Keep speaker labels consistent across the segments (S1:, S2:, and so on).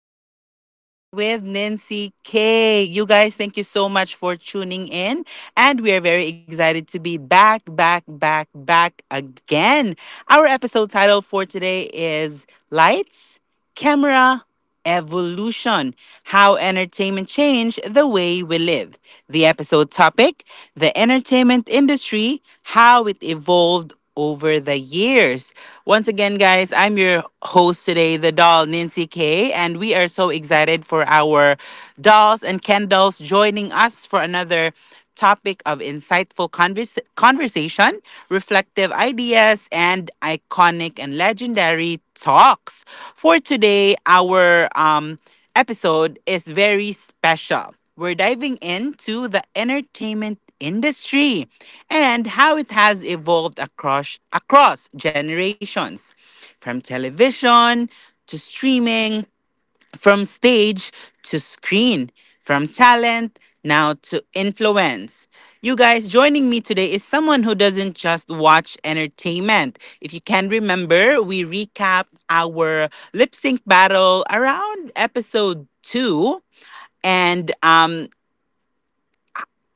S1: Dolls Podcast with Nancy K. You guys, thank you so much for tuning in. And we are very excited to be back, back, back, back again. Our episode title for today is Lights. Camera. Evolution. How Entertainment Changed the Way We Live. The episode topic: the entertainment industry, how it evolved over the years. Once again, guys, I'm your host today, the doll Nancy K, and we are so excited for our dolls and Ken dolls joining us for another topic of insightful conversation, reflective ideas, and iconic and legendary talks. For today, our episode is very special. We're diving into the entertainment industry and how it has evolved across generations, from television to streaming, from stage to screen, from talent now to influence. You guys, joining me today is someone who doesn't just watch entertainment. If you can remember, we recap our lip sync battle around episode two. And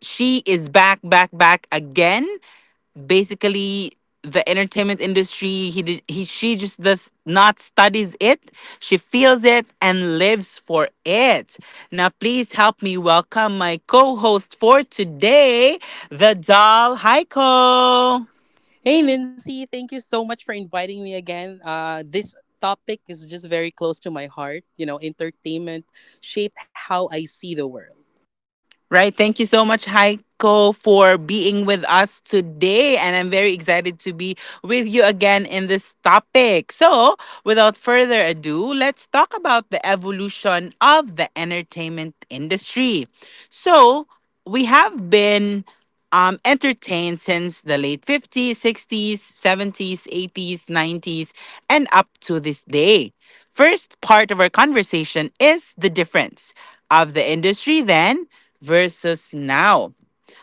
S1: she is back, back, back again. Basically, the entertainment industry. She just does not studies it. She feels it and lives for it. Now, please help me welcome my co-host for today, the doll Heiko.
S2: Hey, Nancy, thank you so much for inviting me again. This topic is just very close to my heart. You know, entertainment shaped how I see the world.
S1: Right. Thank you so much, Heiko, for being with us today. And I'm very excited to be with you again in this topic. So, without further ado, let's talk about the evolution of the entertainment industry. So, we have been entertained since the late 50s, 60s, 70s, 80s, 90s, and up to this day. First part of our conversation is the difference of the industry then versus now.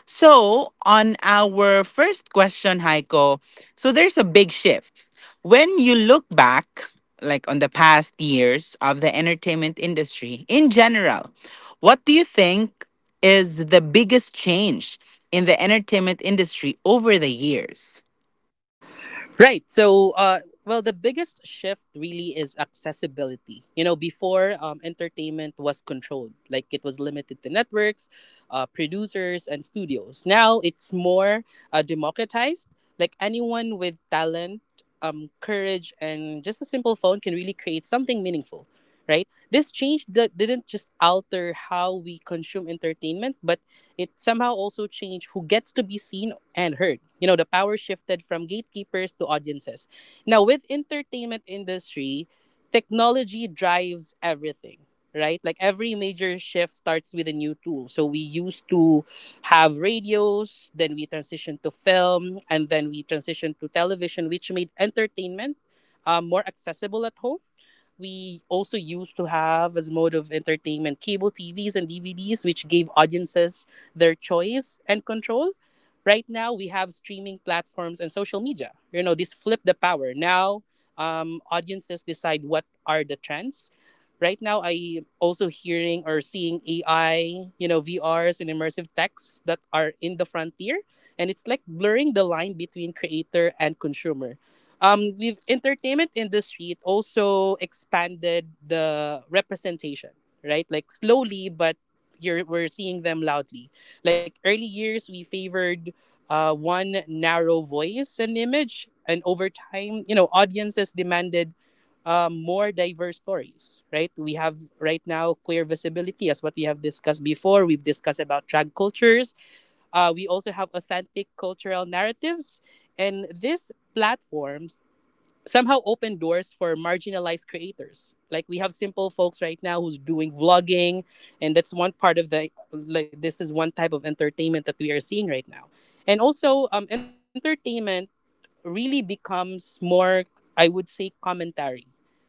S1: So, on our first question, Heiko, so there's a big shift. When you look back, like on the past years of the entertainment industry in general, what do you think is the biggest change in the entertainment industry over the years?
S2: Right. So, the biggest shift really is accessibility. You know, before entertainment was controlled, like it was limited to networks, producers, and studios. Now it's more democratized. Like anyone with talent, courage, and just a simple phone can really create something meaningful. Right. This change that didn't just alter how we consume entertainment, but it somehow also changed who gets to be seen and heard. You know, the power shifted from gatekeepers to audiences. Now, with entertainment industry, technology drives everything, right? Like every major shift starts with a new tool. So we used to have radios, then we transitioned to film, and then we transitioned to television, which made entertainment more accessible at home. We also used to have as mode of entertainment cable TVs and DVDs, which gave audiences their choice and control. Right now, we have streaming platforms and social media. You know, this flip the power. Now, audiences decide what are the trends. Right now, I also hearing or seeing AI, you know, VRs and immersive techs that are in the frontier, and it's like blurring the line between creator and consumer. We've entertainment industry, it also expanded the representation, right? Like slowly but you're we're seeing them loudly. Like early years we favored one narrow voice and image, and over time, you know, audiences demanded more diverse stories. Right, we have right now queer visibility, as what we have discussed before, we've discussed about drag cultures. We also have authentic cultural narratives, and these platforms somehow open doors for marginalized creators. Like we have simple folks right now who's doing vlogging, and that's one part of the like this is one type of entertainment that we are seeing right now. And also, entertainment really becomes more, I would say, commentary,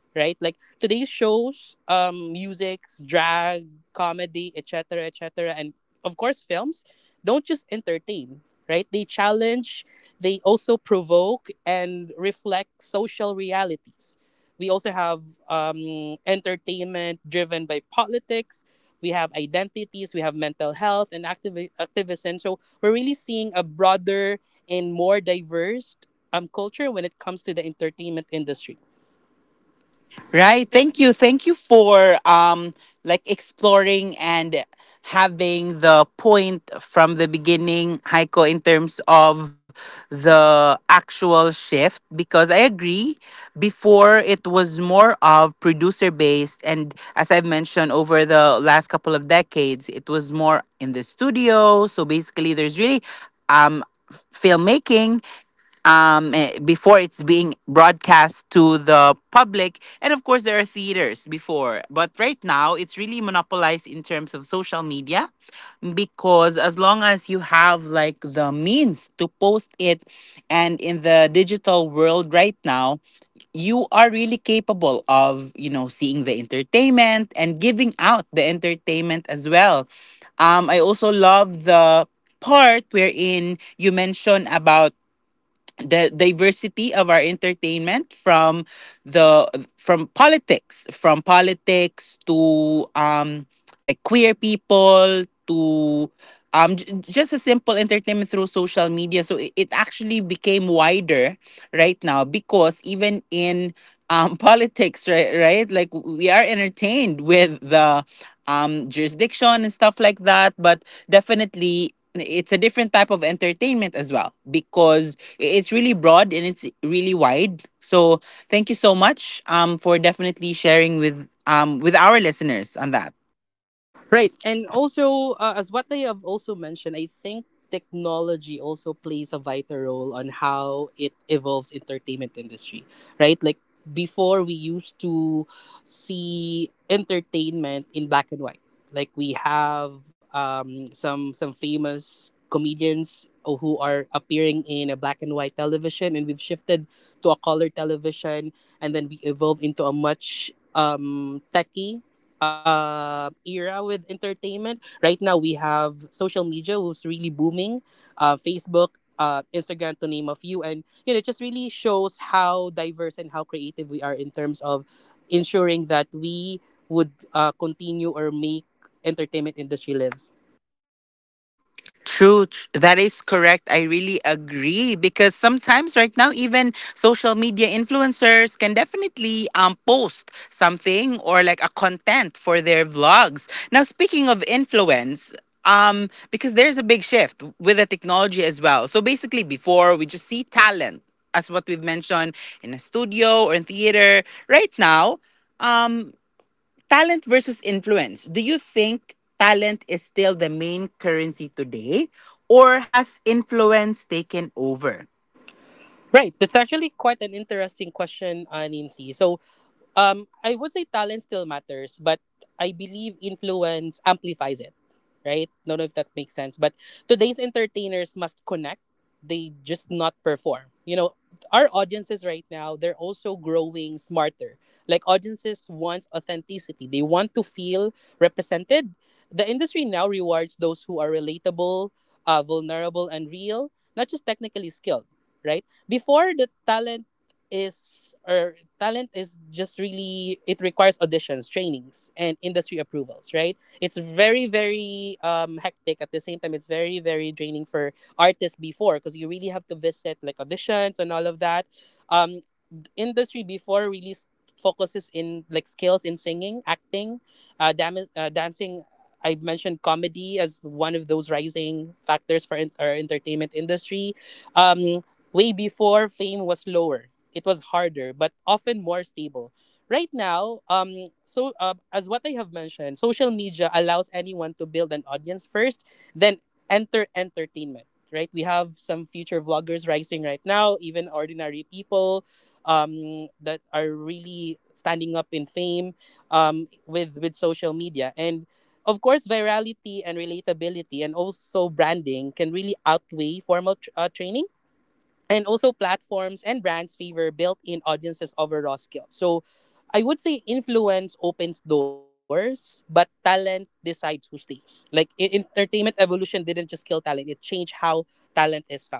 S2: right? Like today's shows, musics, drag, comedy, etc., etc., and of course films don't just entertain, right? They challenge, they also provoke and reflect social realities. We also have entertainment driven by politics, we have identities, we have mental health and activism, so we're really seeing a broader and more diverse culture when it comes to the entertainment industry. Right.
S1: Right.
S2: Thank
S1: Thank
S2: you.
S1: you. Thank you for like exploring and having the point from the beginning, Heiko, in terms of the actual shift. Because I agree, before it was more of producer based, and as I've mentioned over the last couple of decades, it was more in the studio. So basically, there's really um filmmaking, before it's being broadcast to the public. And of course, there are theaters before. But right now, it's really monopolized in terms of social media, because as long as you have like the means to post it, and in the digital world right now, you are really capable of, you know, seeing the entertainment and giving out the entertainment as well. I also love the part wherein you mentioned about the diversity of our entertainment from the from politics to like queer people to just a simple entertainment through social media. So it actually became wider right now, because even in politics, right, right, like we are entertained with the jurisdiction and stuff like that, but definitely it's a different type of entertainment as well, because it's really broad and it's really wide. So thank you so much for definitely sharing with our listeners on that.
S2: Right. And also, as what they have also mentioned, I think technology also plays a vital role on how it evolves entertainment industry, right? Like before we used to see entertainment in black and white. Like we have some famous comedians who are appearing in a black and white television, and we've shifted to a color television, and then we evolve into a much techy era with entertainment. Right now, we have social media, who's really booming, Facebook, Instagram, to name a few, and you know, it just really shows how diverse and how creative we are in terms of ensuring that we would continue or make entertainment industry lives.
S1: That is correct. I really agree because sometimes right now even social media influencers can definitely post something or like a content for their vlogs. Now, speaking of influence, because there's a big shift with the technology as well. So basically before we just see talent as what we've mentioned in a studio or in theater. Right now, um. Talent versus influence. Do you think talent is still the main currency today, or has influence taken over?
S2: Right, that's actually quite an interesting question, Aninsi. So, I would say talent still matters, but I believe influence amplifies it, right? Don't know if that makes sense. But today's entertainers must connect. They just not perform. You know, our audiences right now, they're also growing smarter. Like audiences wants authenticity. They want to feel represented. The industry now rewards those who are relatable, vulnerable and real, not just technically skilled, right? Before the talent is or talent is just really it requires auditions, trainings, and industry approvals, right? It's very very hectic, at the same time it's very very draining for artists before, because you really have to visit like auditions and all of that. um, industry before really focuses in like skills in singing, acting, dancing. I've mentioned comedy as one of those rising factors for our entertainment industry. Um, way before, fame was lower, it was harder, but often more stable. Right now, as what I have mentioned, social media allows anyone to build an audience first, then enter entertainment. Right, we have some future vloggers rising right now, even ordinary people that are really standing up in fame with social media, and of course virality and relatability, and also branding can really outweigh formal training, and also platforms and brands favor built-in audiences over raw skills. So I would say influence opens doors, but talent decides who stays. Like entertainment evolution didn't just kill talent, it changed how talent is found.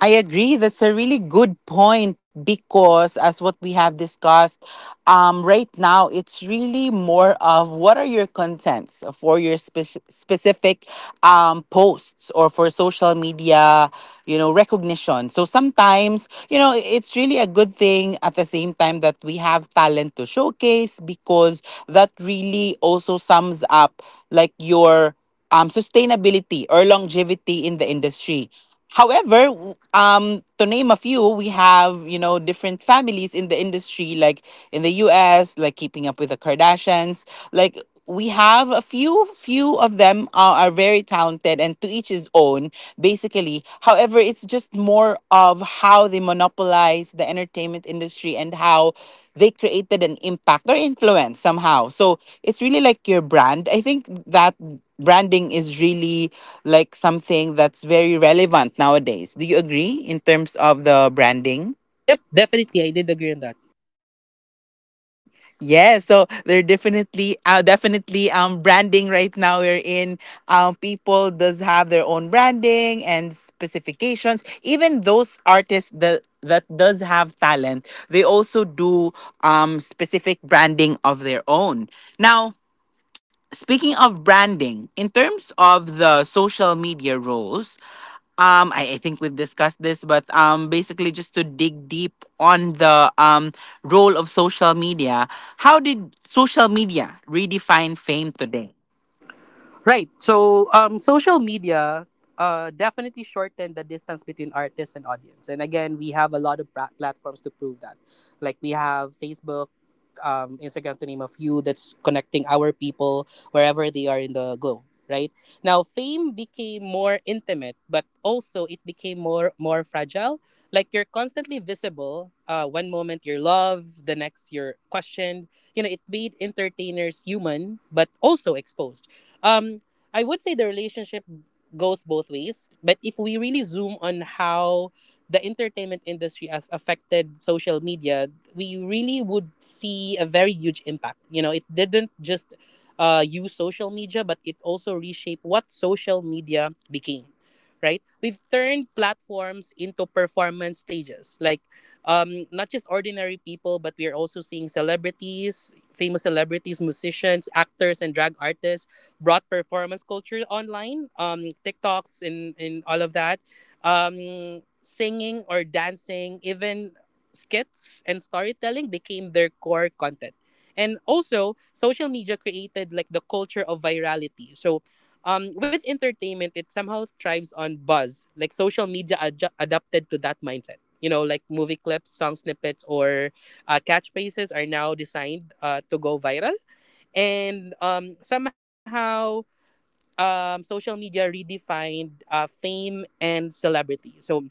S1: I agree. That's a really good point because, as what we have discussed, right now it's really more of what are your contents for your specific posts or for social media, you know, recognition. So sometimes, you know, it's really a good thing at the same time that we have talent to showcase, because that really also sums up like your sustainability or longevity in the industry. However, to name a few, we have, you know, different families in the industry, like in the U.S., like Keeping Up with the Kardashians. Like we have a few, few of them are very talented, and to each his own. Basically really. However, it's just more of how they monopolize the entertainment industry and how they created an impact or influence somehow. So it's really like your brand. I think that branding is really like something that's very relevant nowadays. Do you agree in terms of the branding?
S2: Yep, definitely I did agree on that.
S1: Yeah, so they're definitely definitely branding. Right now we're in people does have their own branding and specifications. Even those artists that does have talent, they also do specific branding of their own. Now, speaking of branding, in terms of the social media roles, I think we've discussed this, but basically just to dig deep on the role of social media, how did social media redefine fame today?
S2: Right. So, social media definitely shortened the distance between artists and audience. And again, we have a lot of platforms to prove that. Like we have Facebook, Instagram, to name a few, that's connecting our people wherever they are in the globe. Right now, fame became more intimate, but also it became more fragile. Like you're constantly visible. One moment you're loved, the next you're questioned. You know, it made entertainers human, but also exposed um, I would say the relationship goes both ways, but if we really zoom on how the entertainment industry has affected social media, we really would see a very huge impact. You know, it didn't just use social media, but it also reshaped what social media became. Right, we've turned platforms into performance stages. Like, not just ordinary people, but we are also seeing celebrities, famous celebrities, musicians, actors, and drag artists brought performance culture online, TikToks and all of that, singing or dancing, even skits and storytelling became their core content. And also, social media created like the culture of virality. So, with entertainment, it somehow thrives on buzz. Like social media adapted to that mindset. You know, like movie clips, song snippets, or catchphrases are now designed to go viral. And somehow, social media redefined fame and celebrity. So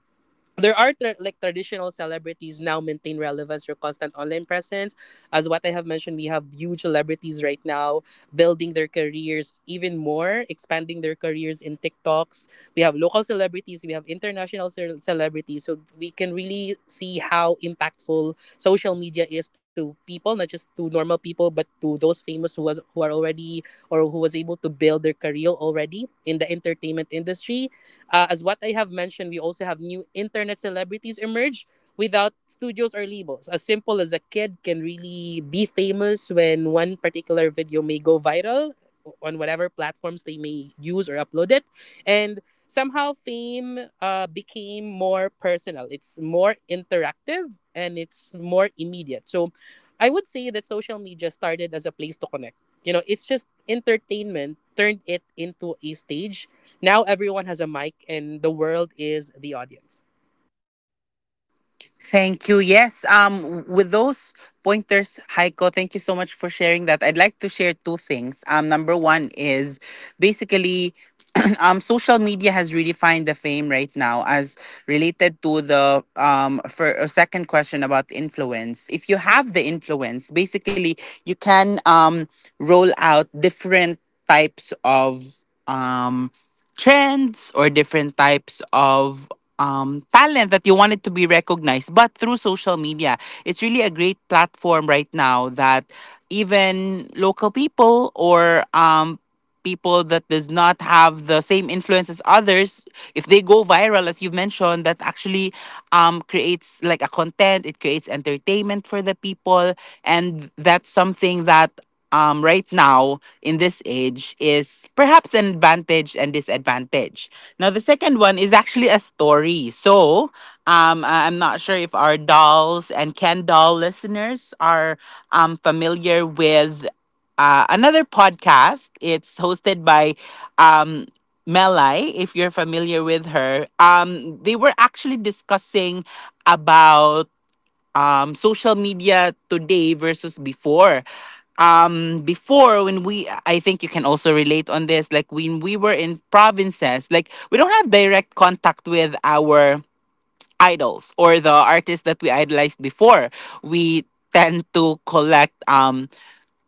S2: there are like traditional celebrities now maintain relevance or constant online presence. As what I have mentioned, we have huge celebrities right now, building their careers even more, expanding their careers in TikToks. We have local celebrities, we have international celebrities, so we can really see how impactful social media is to people, not just to normal people but to those famous who are already or who was able to build their career already in the entertainment industry. As what I have mentioned, we also have new internet celebrities emerge without studios or labels. As simple as a kid can really be famous when one particular video may go viral on whatever platforms they may use or upload it. And somehow fame became more personal. It's more interactive and it's more immediate. So I would say that social media started as a place to connect. You know, it's just entertainment turned it into a stage. Now everyone has a mic and the world is the audience.
S1: Thank you. Yes, with those pointers, Heiko, thank you so much for sharing that. I'd like to share two things. Number one is basically social media has redefined the fame right now as related to the for a second question about influence. If you have the influence, basically you can roll out different types of um trends or different types of talent that you wanted to be recognized. But through social media, it's really a great platform right now that even local people or people that does not have the same influence as others, if they go viral as you've mentioned, that actually creates like a content, it creates entertainment for the people. And that's something that right now in this age is perhaps an advantage and disadvantage. Now the second one is actually a story. So I'm not sure if our dolls and Ken doll listeners are familiar with another podcast. It's hosted by um, Melai, if you're familiar with her. They were actually discussing about social media today versus before. Before when we, I think you can also relate on this. Like when we were in provinces, like we don't have direct contact with our idols or the artists that we idolized before. We tend to collect um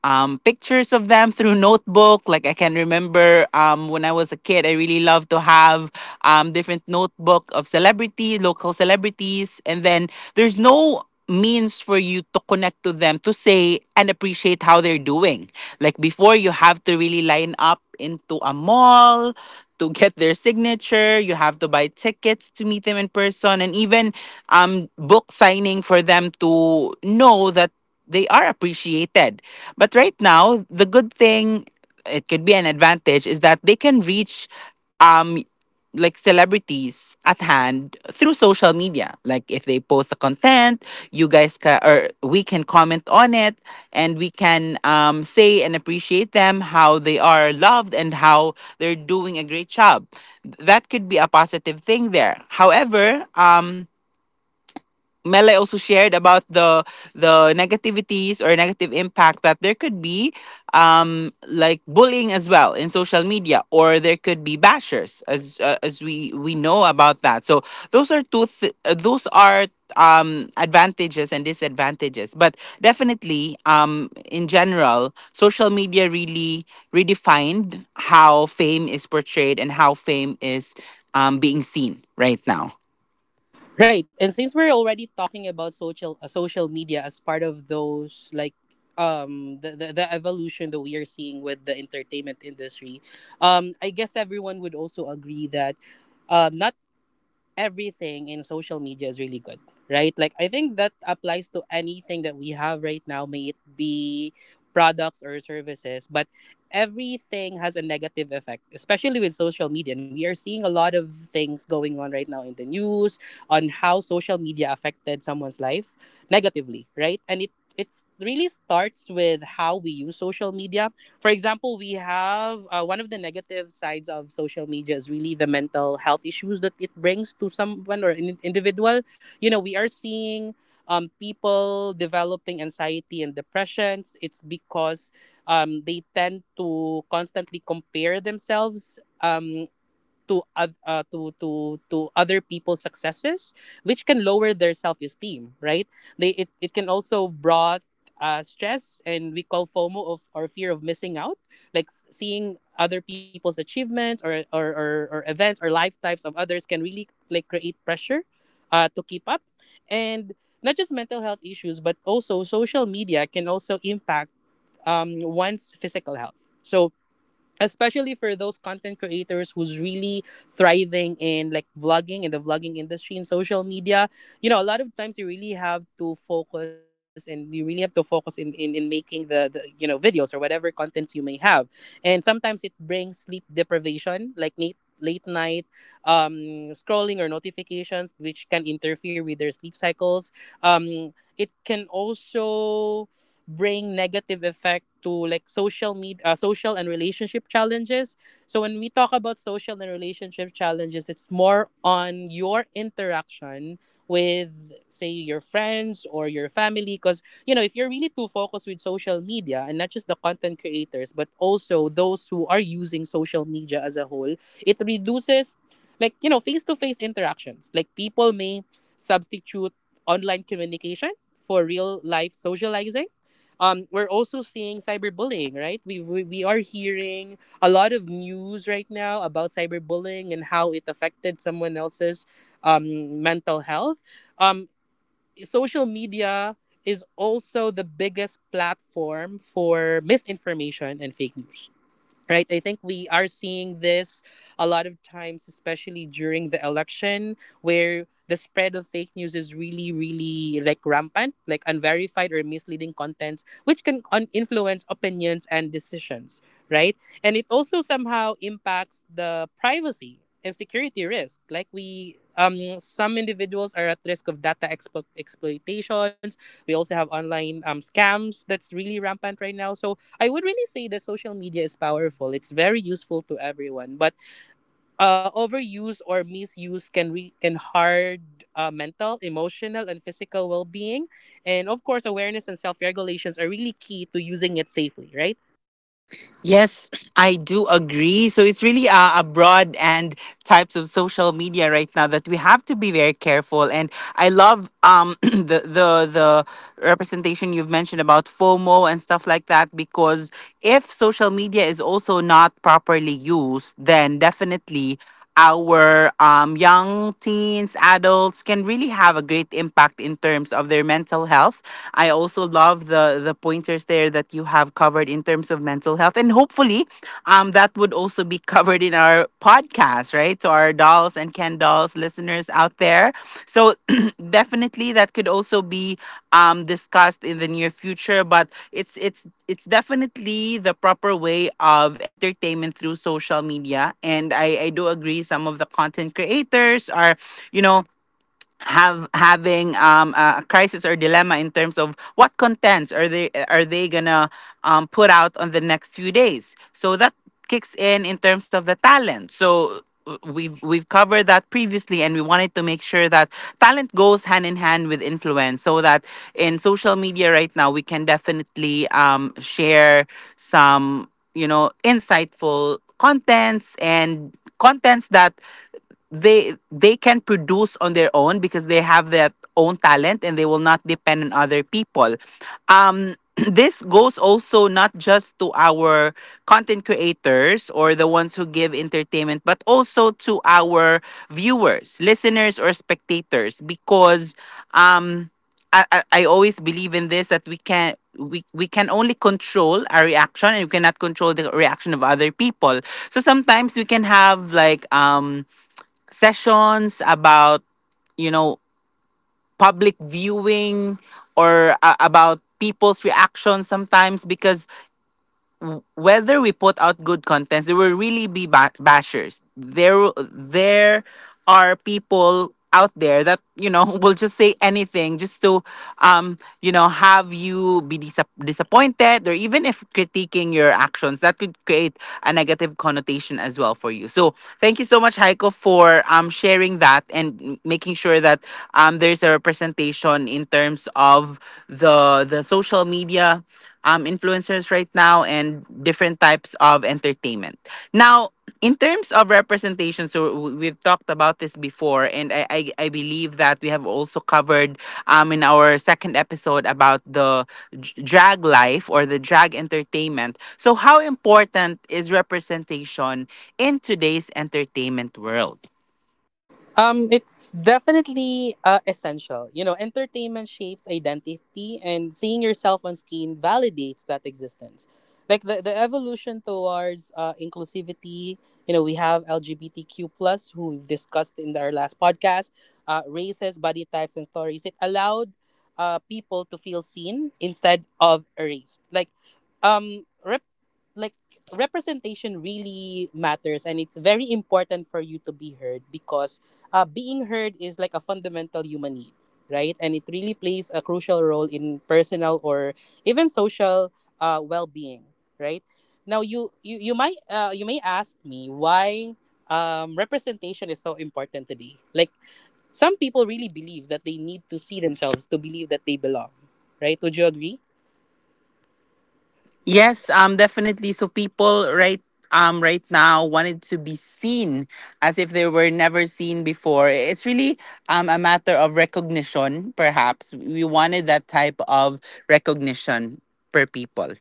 S1: um, pictures of them through notebook. Like I can remember when I was a kid, I really loved to have different notebook of celebrity, local celebrities, and then there's no means for you to connect to them to say and appreciate how they're doing. Like before, you have to really line up into a mall to get their signature. You have to buy tickets to meet them in person, and even book signing for them to know that they are appreciated. But right now, the good thing, it could be an advantage, is that they can reach um like celebrities at hand through social media. Like if they post a content, you guys can or we can comment on it, and we can say and appreciate them how they are loved and how they're doing a great job. That could be a positive thing there. However, Mele also shared about the negativities or negative impact that there could be, like bullying as well in social media, or there could be bashers, as we know about that. So those are those are advantages and disadvantages, but definitely in general social media really redefined how fame is portrayed and how fame is being seen right now.
S2: Right. And since we're already talking about social media as part of those like the evolution that we are seeing with the entertainment industry, I guess everyone would also agree that not everything in social media is really good, right? Like I think that applies to anything that we have right now, may it be products or services, but everything has a negative effect, especially with social media. And we are seeing a lot of things going on right now in the news on how social media affected someone's life negatively, right? And it really starts with how we use social media. For example, we have one of the negative sides of social media is really the mental health issues that it brings to someone or an individual. You know, we are seeing people developing anxiety and depressions. It's because they tend to constantly compare themselves to other people's successes which can lower their self-esteem, right? It can also brought stress, and we call FOMO of or fear of missing out. Like seeing other people's achievements or events or lifetimes of others can really like create pressure to keep up. And not just mental health issues, but also social media can also impact one's physical health. So especially for those content creators who's really thriving in like vlogging, in the vlogging industry in social media, you know, a lot of times you really have to focus, and you really have to focus in making the you know videos or whatever contents you may have. And sometimes it brings sleep deprivation, like late night scrolling or notifications which can interfere with their sleep cycles. um, it can also bring negative effect to like social media, social and relationship challenges. So when we talk about social and relationship challenges, it's more on your interaction with say your friends or your family, because you know, if you're really too focused with social media, and not just the content creators but also those who are using social media as a whole, it reduces like you know face-to-face interactions. Like people may substitute online communication for real life socializing. We're also seeing cyberbullying, right? We are hearing a lot of news right now about cyberbullying and how it affected someone else's mental health. Um, Social media is also the biggest platform for misinformation and fake news. Right, I think we are seeing this a lot of times, especially during the election, where the spread of fake news is really, really like rampant, like unverified or misleading contents, which can influence opinions and decisions, right? And it also somehow impacts the privacy and security risk. Like we, some individuals are at risk of data exploitations. We also have online scams that's really rampant right now. So I would really say that social media is powerful. It's very useful to everyone, but overuse or misuse can can hard mental, emotional, and physical well being. And of course, awareness and self regulations are really key to using it safely, right?
S1: Yes, I do agree. So it's really a broad and types of social media right now that we have to be very careful. And I love the representation you've mentioned about FOMO and stuff like that, because if social media is also not properly used, then definitely our young teens, adults can really have a great impact in terms of their mental health. I also love the pointers there that you have covered in terms of mental health, and hopefully, that would also be covered in our podcast, right? To our dolls and Ken dolls listeners out there. So definitely, that could also be discussed in the near future. But it's definitely the proper way of entertainment through social media, and I do agree. Some of the content creators are, you know, have having a crisis or dilemma in terms of what contents are they gonna put out on the next few days. So that kicks in terms of the talent. So we've covered that previously, and we wanted to make sure that talent goes hand in hand with influence, so that in social media right now we can definitely share some insightful contents and contents that they can produce on their own because they have that own talent and they will not depend on other people. um this goes also not just to our content creators or the ones who give entertainment, but also to our viewers, listeners, or spectators, because um I always believe in this, that we can only control our reaction and we cannot control the reaction of other people. So sometimes we can have like sessions about you know public viewing or about people's reactions, sometimes because whether we put out good contents, there will really be bashers there. there are people out there that will just say anything just to um have you be disappointed, or even if critiquing your actions that could create a negative connotation as well for you. So thank you so much, Heiko, for sharing that and making sure that there's a representation in terms of the social media influencers right now and different types of entertainment now. In terms of representation, so we've talked about this before, and I believe that we have also covered in our second episode about the drag life or the drag entertainment. So how important is representation in today's entertainment world?
S2: It's definitely essential. You know, entertainment shapes identity, and seeing yourself on screen validates that existence. Like the evolution towards inclusivity. You know, we have LGBTQ plus, who we've discussed in our last podcast, races, body types, and stories. It allowed people to feel seen instead of erased. Like, um, rep- like representation really matters, and it's very important for you to be heard, because being heard is like a fundamental human need, right? And it really plays a crucial role in personal or even social well-being, right? Now, you may ask me why representation is so important today. Like some people really believe that they need to see themselves to believe that they belong, right? Would you agree?
S1: Yes, definitely. So people right now wanted to be seen as if they were never seen before. It's really a matter of recognition, perhaps. We wanted that type of recognition per people.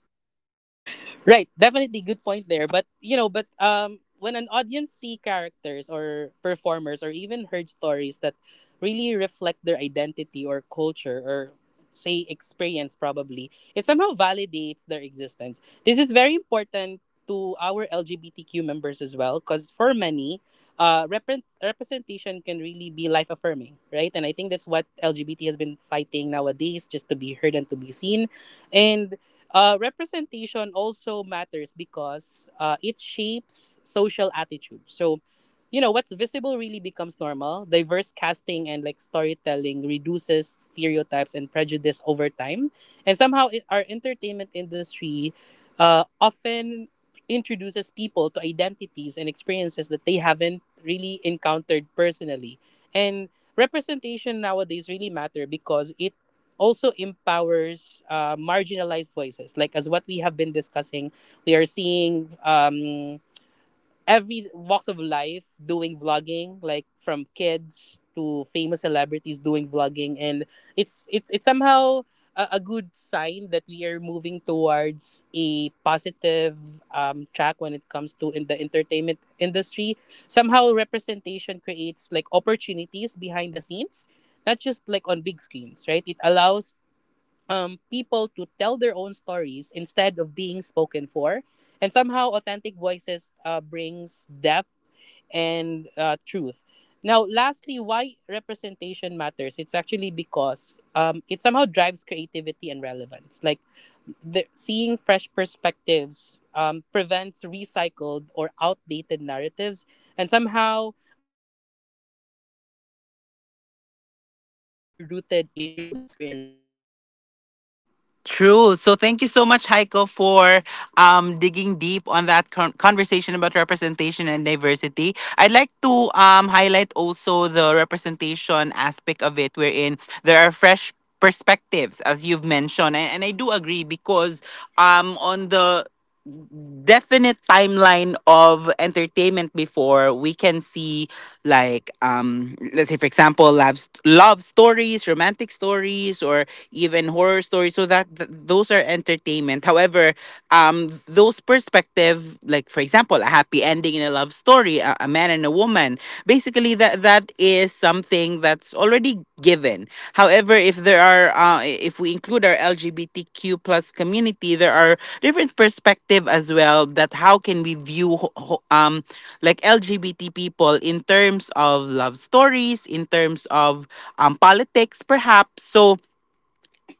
S2: Right, definitely good point there. But you know, but when an audience see characters or performers or even heard stories that really reflect their identity or culture or say experience, probably it somehow validates their existence. This is very important to our LGBTQ members as well, because for many, representation can really be life affirming, right? And I think that's what LGBT has been fighting nowadays, just to be heard and to be seen. And representation also matters because it shapes social attitude. So, you know, what's visible really becomes normal. Diverse casting and like storytelling reduces stereotypes and prejudice over time. And somehow, our entertainment industry often introduces people to identities and experiences that they haven't really encountered personally. And representation nowadays really matter because it also empowers marginalized voices. Like as what we have been discussing, we are seeing every walks of life doing vlogging, like from kids to famous celebrities doing vlogging, and it's somehow a good sign that we are moving towards a positive track when it comes to in the entertainment industry. Somehow representation creates like opportunities behind the scenes, not just like on big screens, right? It allows people to tell their own stories instead of being spoken for. And somehow, authentic voices brings depth and truth. Now, lastly, why representation matters? It's actually because it somehow drives creativity and relevance. Like seeing fresh perspectives prevents recycled or outdated narratives, and somehow audiences crave originality rooted in real experiences.
S1: True. So thank you so much, Heiko, for digging deep on that conversation about representation and diversity. I'd like to highlight also the representation aspect of it, wherein there are fresh perspectives, as you've mentioned. And I do agree because on the definite timeline of entertainment before, we can see like let's say for example love love stories, romantic stories, or even horror stories. So that those are entertainment. However, those perspective, like for example, a happy ending in a love story, a man and a woman. Basically, that that is something that's already given. However, if there are, if we include our LGBTQ plus community, there are different perspective as well. That how can we view like LGBT people in terms of love stories, in terms of politics, perhaps. So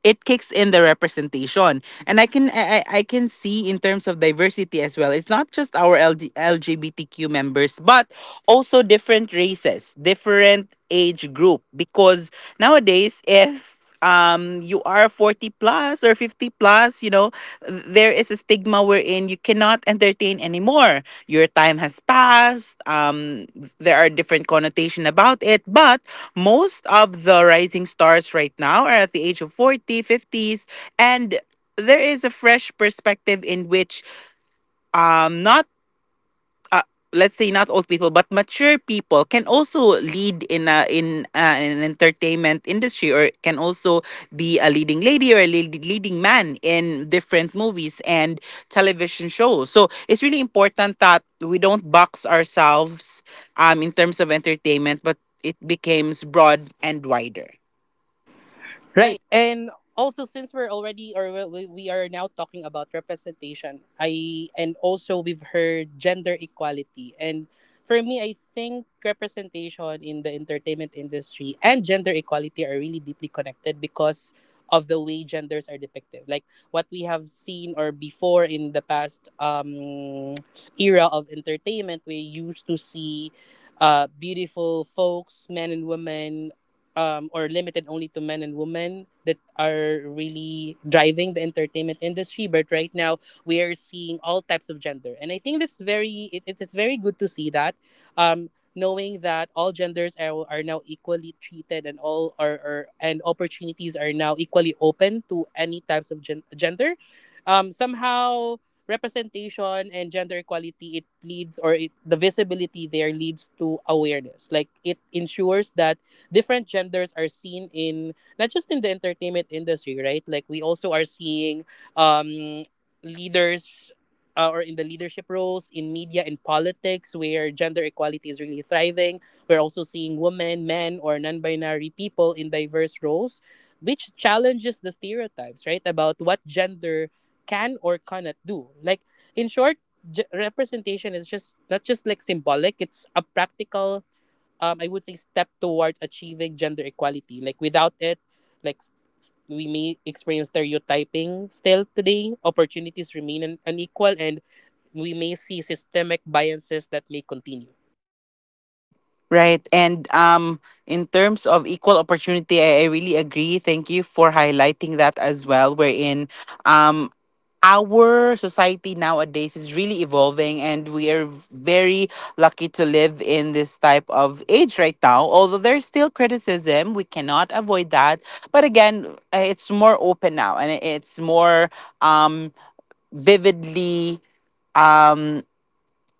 S1: it kicks in the representation, and I can see in terms of diversity as well, it's not just our LGBTQ members, but also different races, different age group, because nowadays, if you are 40 plus or 50 plus, you know, there is a stigma wherein you cannot entertain anymore. Your time has passed. There are different connotation about it, but most of the rising stars right now are at the age of 40, fifties, and there is a fresh perspective in which not uh, let's say not old people, but mature people can also lead in an entertainment industry, or can also be a leading lady or a leading man in different movies and television shows. So it's really important that we don't box ourselves in terms of entertainment, but it becomes broad and wider.
S2: Right.
S1: Right.
S2: And also, since we're already or we are now talking about representation, I and also we've heard gender equality. And for me, I think representation in the entertainment industry and gender equality are really deeply connected, because of the way genders are depicted. Like what we have seen or before, in the past era of entertainment, we used to see beautiful folks, men and women, or limited only to men and women that are really driving the entertainment industry. But right now, we are seeing all types of gender, and I think that's very, it's very good to see that, um, knowing that all genders are now equally treated, and all are and opportunities are now equally open to any types of gender. Somehow representation and gender equality, it leads or it, the visibility there leads to awareness, like it ensures that different genders are seen in not just in the entertainment industry, right? Like we also are seeing um, leaders or in the leadership roles in media and politics, where gender equality is really thriving. We're also seeing women, men, or non binary people in diverse roles, which challenges the stereotypes, right? About what gender can or cannot do. Like, in short, representation is just not just like symbolic, it's a practical I would say step towards achieving gender equality. Like without it, like s- we may experience stereotyping still today. Opportunities remain unequal, and we may see systemic biases that may continue.
S1: Right, and in terms of equal opportunity, I really agree. Thank you for highlighting that as well. Wherein um, our society nowadays is really evolving, and we are very lucky to live in this type of age right now. Although there's still criticism, we cannot avoid that. But again, it's more open now, and it's more um, vividly. Um,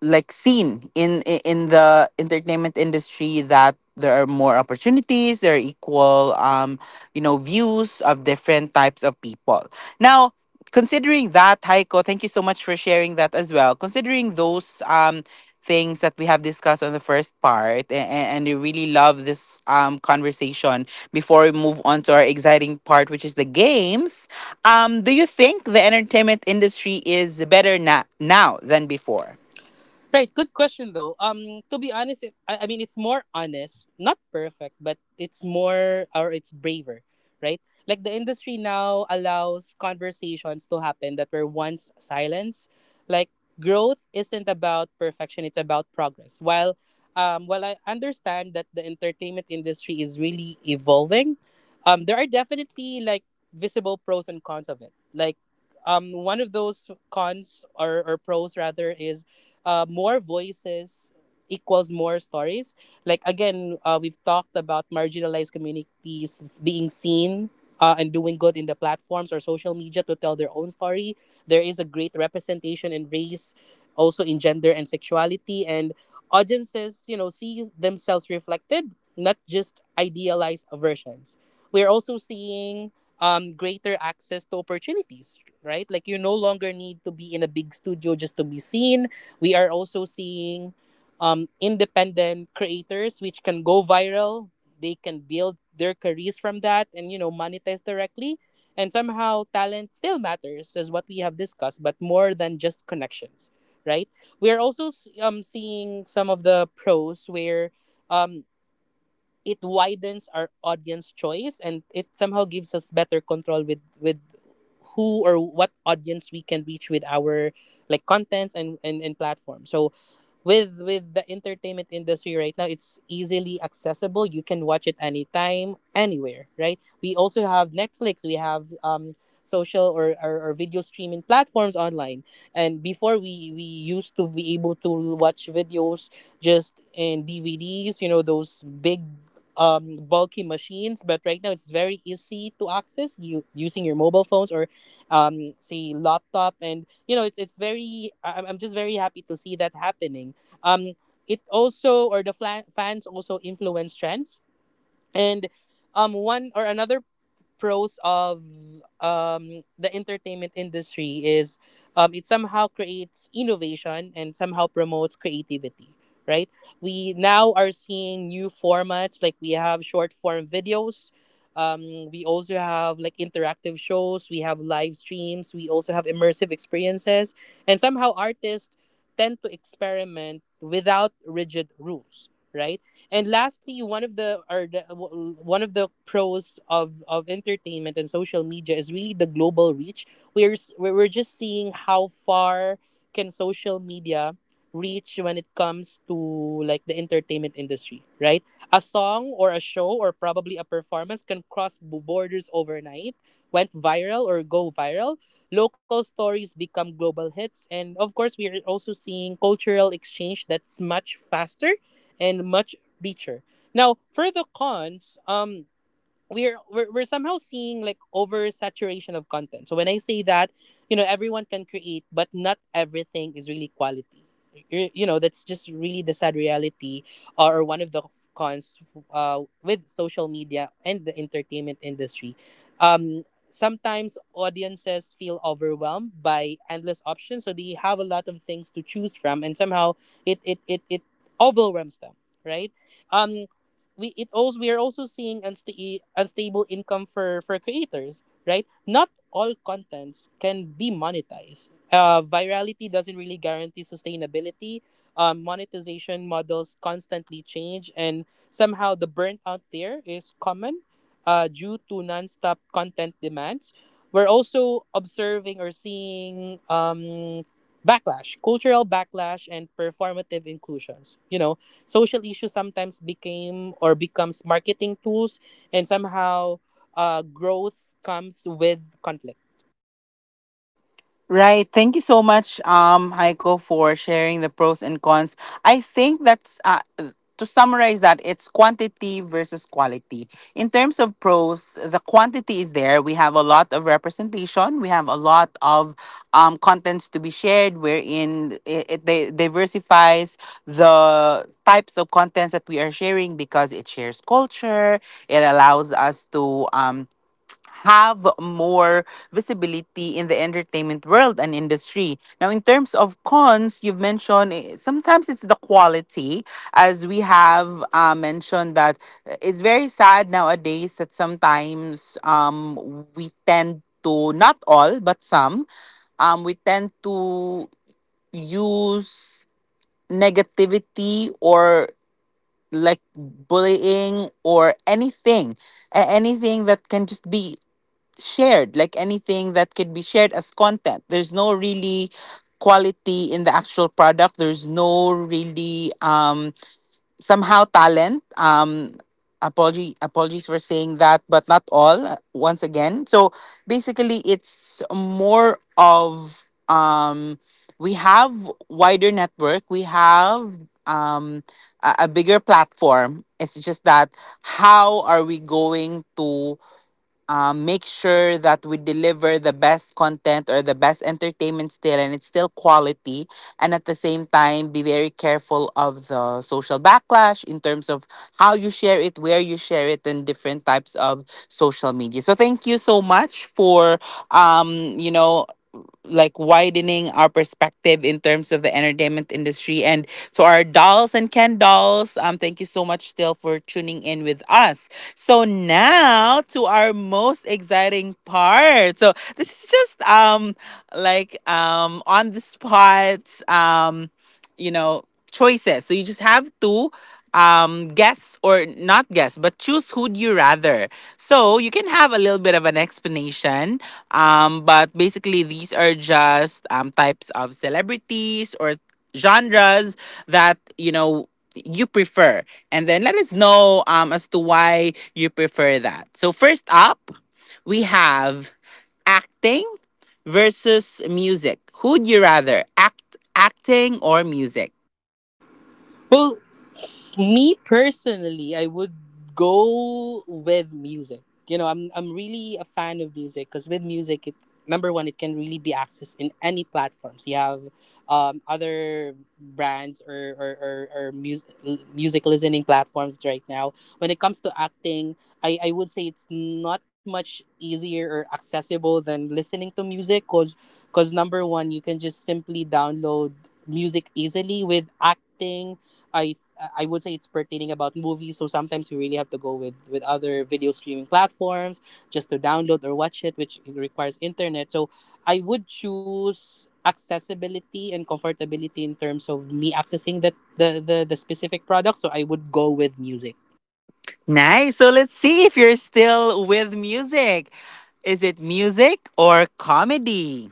S1: like seen in in the entertainment industry, that there are more opportunities, there are equal you know, views of different types of people now. Considering that, Heiko, thank you so much for sharing that as well, considering those things that we have discussed on the first part. And I really love this conversation before we move on to our exciting part, which is the games. Do you think the entertainment industry is better now than before?
S2: Right, good question though. To be honest, I mean it's more honest, not perfect, but it's more or it's braver, right? Like the industry now allows conversations to happen that were once silenced. Like growth isn't about perfection; it's about progress. While I understand that the entertainment industry is really evolving, there are definitely like visible pros and cons of it. Like, one of those cons or pros rather is more voices equals more stories. Like again, we've talked about marginalized communities being seen. And doing good in the platforms or social media to tell their own story. There is a great representation in race, also in gender and sexuality, and audiences, you know, see themselves reflected, not just idealized versions. We're also seeing greater access to opportunities, right? Like you no longer need to be in a big studio just to be seen. We are also seeing independent creators which can go viral. They can build their careers from that, and you know monetize directly. And somehow talent still matters, is what we have discussed, but more than just connections, right? We are also seeing some of the pros, where um, it widens our audience choice, and it somehow gives us better control with who or what audience we can reach with our like contents and platform. So with the entertainment industry right now, it's easily accessible. You can watch it anytime anywhere, right? We also have Netflix, we have social or video streaming platforms online. And before we used to be able to watch videos just in DVDs, you know, those big bulky machines. But right now it's very easy to access, you using your mobile phones or say laptop. And you know, it's very I- I'm just very happy to see that happening. um, it also or the fans also influence trends. And one or another pros of the entertainment industry is it somehow creates innovation and somehow promotes creativity, right? We now are seeing new formats, like we have short form videos, um, we also have like interactive shows, we have live streams, we also have immersive experiences. And somehow artists tend to experiment without rigid rules, right? And lastly, one of the or the, w- one of the pros of entertainment and social media is really the global reach. We're s- we're just seeing how far can social media reach when it comes to like the entertainment industry, right? A song or a show or probably a performance can cross borders overnight, went viral or go viral. Local stories become global hits, and of course, we are also seeing cultural exchange that's much faster and much Beecher. Now, for the cons, we're somehow seeing like oversaturation of content. So when I say that, you know, everyone can create, but not everything is really quality. You know, that's just really the sad reality, or one of the cons with social media and the entertainment industry. Sometimes audiences feel overwhelmed by endless options, so they have a lot of things to choose from, and somehow it overwhelms them, right? Um, it's we are also seeing unstable income for creators, right? Not all contents can be monetized. Virality doesn't really guarantee sustainability. Monetization models constantly change, and somehow the burnout there is common due to nonstop content demands. We're also observing or seeing backlash, cultural backlash, and performative inclusions. Social issues sometimes became or becomes marketing tools, and somehow growth comes with conflict.
S1: Right. Thank you so much, Heiko, for sharing the pros and cons. I think that's to summarize that, it's quantity versus quality. In terms of pros, the quantity is there. We have a lot of representation. We have a lot of contents to be shared, wherein it diversifies the types of contents that we are sharing because it shares culture. It allows us to. Have more visibility in the entertainment world and industry. Now, in terms of cons, you've mentioned eh, sometimes it's the quality, as we have mentioned that eh, it's very sad nowadays that sometimes we tend to, not all, but some, we tend to use negativity or like bullying or anything anything that can just be shared, like anything that could be shared as content. There's no really quality in the actual product. There's no really somehow talent. Apology apologies for saying that, but not all once again. So basically it's more of we have wider network, we have um a bigger platform. It's just that how are we going to make sure that we deliver the best content or the best entertainment still, and it's still quality. And at the same time, be very careful of the social backlash in terms of how you share it, where you share it, and different types of social media. So thank you so much for, you know, like widening our perspective in terms of the entertainment industry. And to our dolls and Ken dolls, thank you so much still for tuning in with us. So now to our most exciting part. So this is just on the spot um you know choices. So you just have to guess or not guess, but choose who'd you rather, so you can have a little bit of an explanation, but basically, these are just types of celebrities or genres that you prefer, and then let us know as to why you prefer that. So first up, we have acting versus music. Who'd you rather, acting or music?
S2: Well, me personally, I would go with music. You know, I'm really a fan of music because with music, it number one, it can really be accessed in any platforms. You have other brands or music listening platforms right now. When it comes to acting, I would say it's not much easier or accessible than listening to music because number one, you can just simply download music easily. With acting, I I would say it's pertaining about movies. So sometimes we really have to go with other video streaming platforms just to download or watch it, which requires internet. So I would choose accessibility and comfortability in terms of me accessing the specific product. So I would go with music.
S1: Nice. So let's see if you're still with music. Is it music or comedy?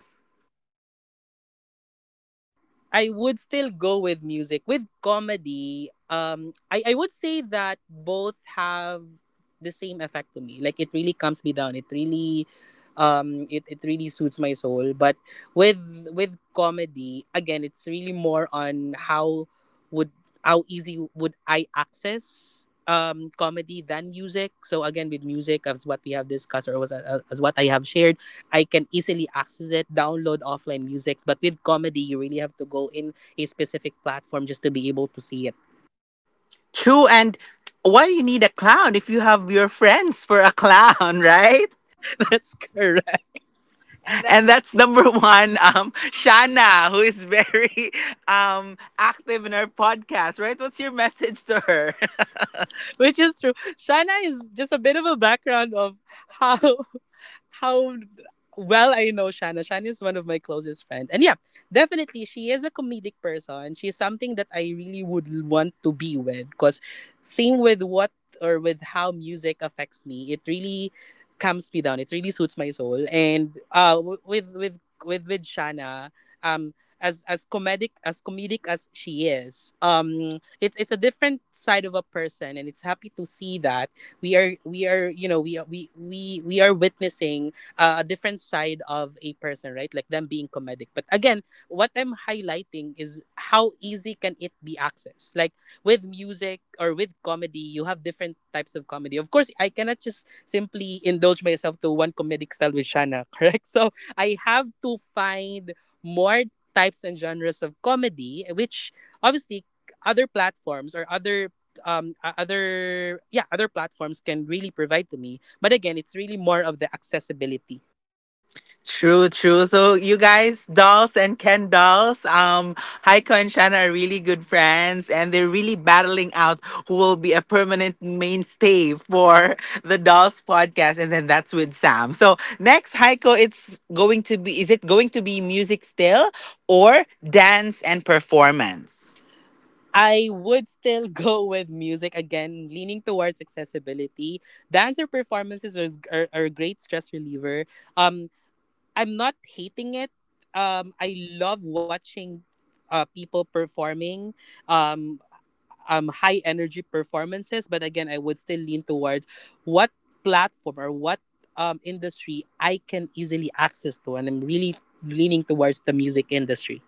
S2: I would still go with music. With comedy, I would say that both have the same effect to me. Like it really calms me down. It really it, it really suits my soul. But with with comedy, again, it's really more on would how easy would I access comedy than music. So again with music, as what we have discussed, or as what I have shared, I can easily access it, download offline musics. But with comedy, you really have to go in a specific platform just to be able to see it.
S1: True. And why do you need a clown if you have your friends for a clown, right?
S2: That's correct. And
S1: And
S2: that's
S1: that's number one, Shana, who is very active in our podcast, right? What's your message to her?
S2: Which is true. Shana is just a bit of a background of how how well I know Shana. Shana is one of my closest friends. And yeah, definitely she is a comedic person. She's something that I really would want to be with, because same with what, or with how music affects me. It really calms me down. It really suits my soul. And with Shana, um as comedic as she is, it's a different side of a person, and it's happy to see that we are we are witnessing a different side of a person, right, like them being comedic. But again, what I'm highlighting is how easy can it be accessed, like with music or with comedy. You have different types of comedy. Of course I cannot just simply indulge myself to one comedic style with Shana. Correct. So I have to find more types and genres of comedy which, obviously, other platforms or other o- other yeah, other platforms can really provide to me. But again, it's really more of the accessibility.
S1: True, true. So you guys, dolls and Ken dolls, Heiko and Shanna are really good friends, and they're really battling out who will be a permanent mainstay for the Dolls podcast, and then that's with Sam. So next, Heiko, it's going to be, is it going to be music still or dance and performance?
S2: I would still go with music, again leaning towards accessibility. Dance or performances are a great stress reliever. um I'm not hating it. I love watching people performing um high energy performances. But again, I would still lean towards what platform or what industry I can easily access to, and I'm really leaning towards the music industry.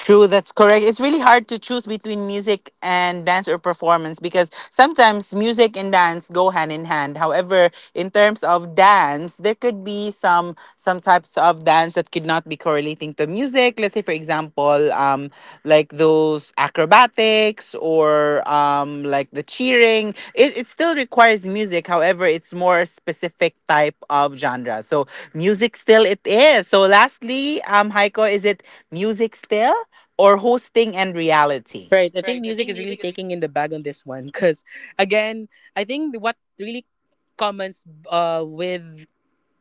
S1: True, that's correct. It's really hard to choose between music and dance or performance, because sometimes music and dance go hand in hand. However, in terms of dance, there could be some types of dance that could not be correlating to music. Let's say, for example, like those acrobatics or like the cheering. It still requires music. However, it's more specific type of genre. So music still it is. So lastly, Heiko, is it music still or hosting and reality?
S2: Right, I think music is really taking in the bag on this one because, again, I think what really comments with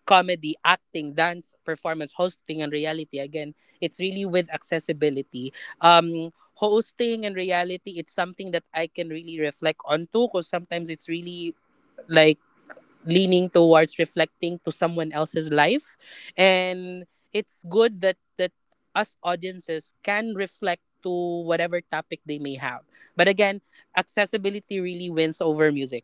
S2: comedy, acting, dance, performance, hosting, and reality. Again, it's really with accessibility. Um, Hosting and reality, it's something that I can really reflect onto because sometimes it's really like leaning towards reflecting to someone else's life. And it's good that us audiences can reflect to whatever topic they may have. But again, accessibility really wins over music.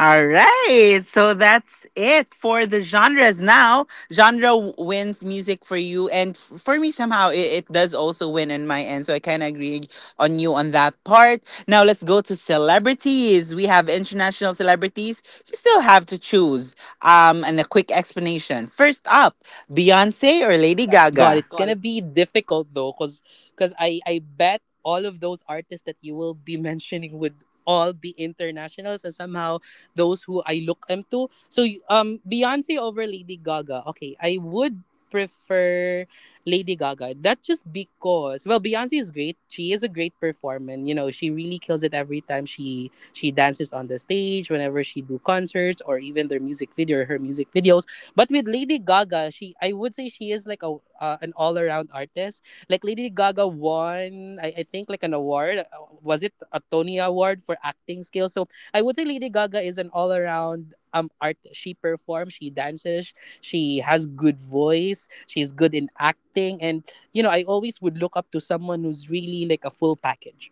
S1: All right. So that's it for the genres now. Genre wins music for you. And for me, somehow, it does also win on my end. So I kind of agree on you on that part. Now let's go to celebrities. We have international celebrities. You still have to choose. And a quick explanation. First up, Beyonce or Lady
S2: God,
S1: Gaga?
S2: it's gonna be difficult, though, cause I bet all of those artists that you will be mentioning would all be internationals and somehow those who I look up to. Beyonce over Lady Gaga? Okay, I would prefer Lady Gaga. That, just because, well, Beyonce is great. She is a great performer. And, she really kills it every time she dances on the stage, whenever she do concerts, or even their music video or her music videos. But with Lady Gaga, she I would say she is like a an all around artist. Like Lady Gaga won, I think, like an award. Was it a Tony Award for acting skills? So I would say Lady Gaga is an all around art. She performs, she dances, she has good voice, she's good in acting, and, you know, I always would look up to someone who's really like a full package.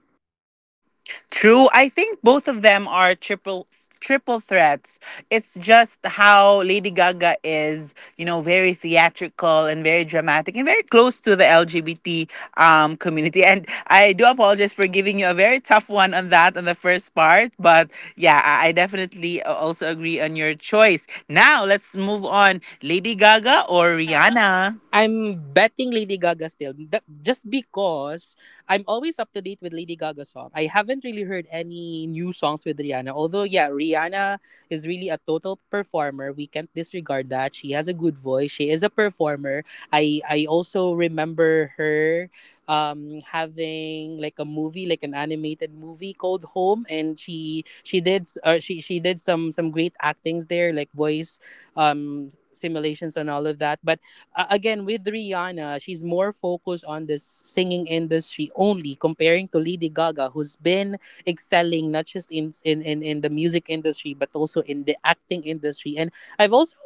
S1: True. I think both of them are triple threats. It's just how Lady Gaga is, you know, very theatrical and very dramatic and very close to the LGBT community. And I do apologize for giving you a very tough one on that on the first part, but yeah, I definitely also agree on your choice. Now let's move on. Lady Gaga or Rihanna?
S2: I'm betting Lady Gaga still. Just because I'm always up to date with Lady Gaga song. I haven't really heard any new songs with Rihanna. Although, yeah, Rihanna is really a total performer. We can't disregard that. She has a good voice. She is a performer. I also remember her having like a movie, like an animated movie called Home, and she did some great actings there, like voice simulations and all of that. But again with Rihanna, she's more focused on this singing industry only, comparing to Lady Gaga who's been excelling not just in the music industry but also in the acting industry. And I've also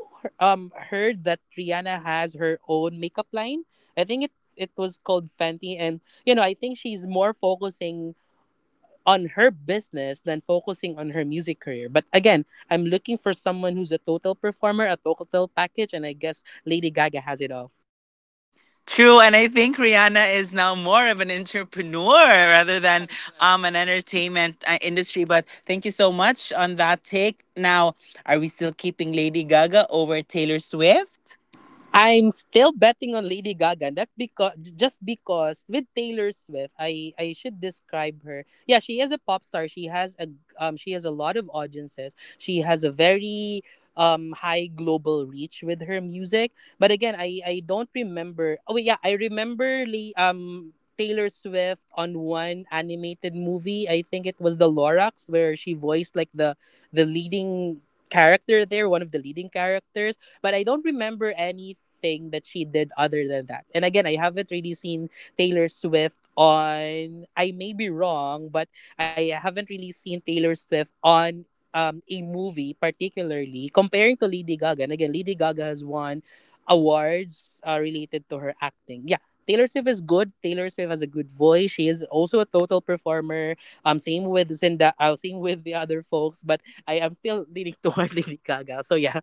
S2: heard that Rihanna has her own makeup line. I think it was called Fenty, and, you know, I think she's more focusing on her business than focusing on her music career. But again, I'm looking for someone who's a total performer, a total package, and I guess Lady Gaga has it all.
S1: True, and I think Rihanna is now more of an entrepreneur rather than an entertainment industry. But thank you so much on that take. Now, are we still keeping Lady Gaga over Taylor Swift?
S2: I'm still betting on Lady Gaga. That's because Just because with Taylor Swift, I should describe her. Yeah, she is a pop star. She has a lot of audiences. She has a very high global reach with her music. But again, I don't remember. Oh yeah, I remember Lee Taylor Swift on one animated movie. I think it was The Lorax, where she voiced like the leading character there, one of the leading characters, but I don't remember anything that she did other than that. And again, I haven't really seen Taylor Swift on. I may be wrong, but I haven't really seen Taylor Swift on a movie, particularly comparing to Lady Gaga. And again, Lady Gaga has won awards related to her acting. Yeah. Taylor Swift is good. Taylor Swift has a good voice. She is also a total performer. Same with Zinda, same with the other folks. But I am still leaning toward Lady Gaga. So yeah.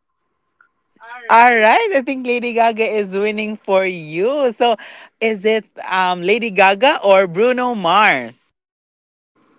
S2: All
S1: All
S2: right.
S1: right, I think Lady Gaga is winning for you. So, is it Lady Gaga or Bruno Mars?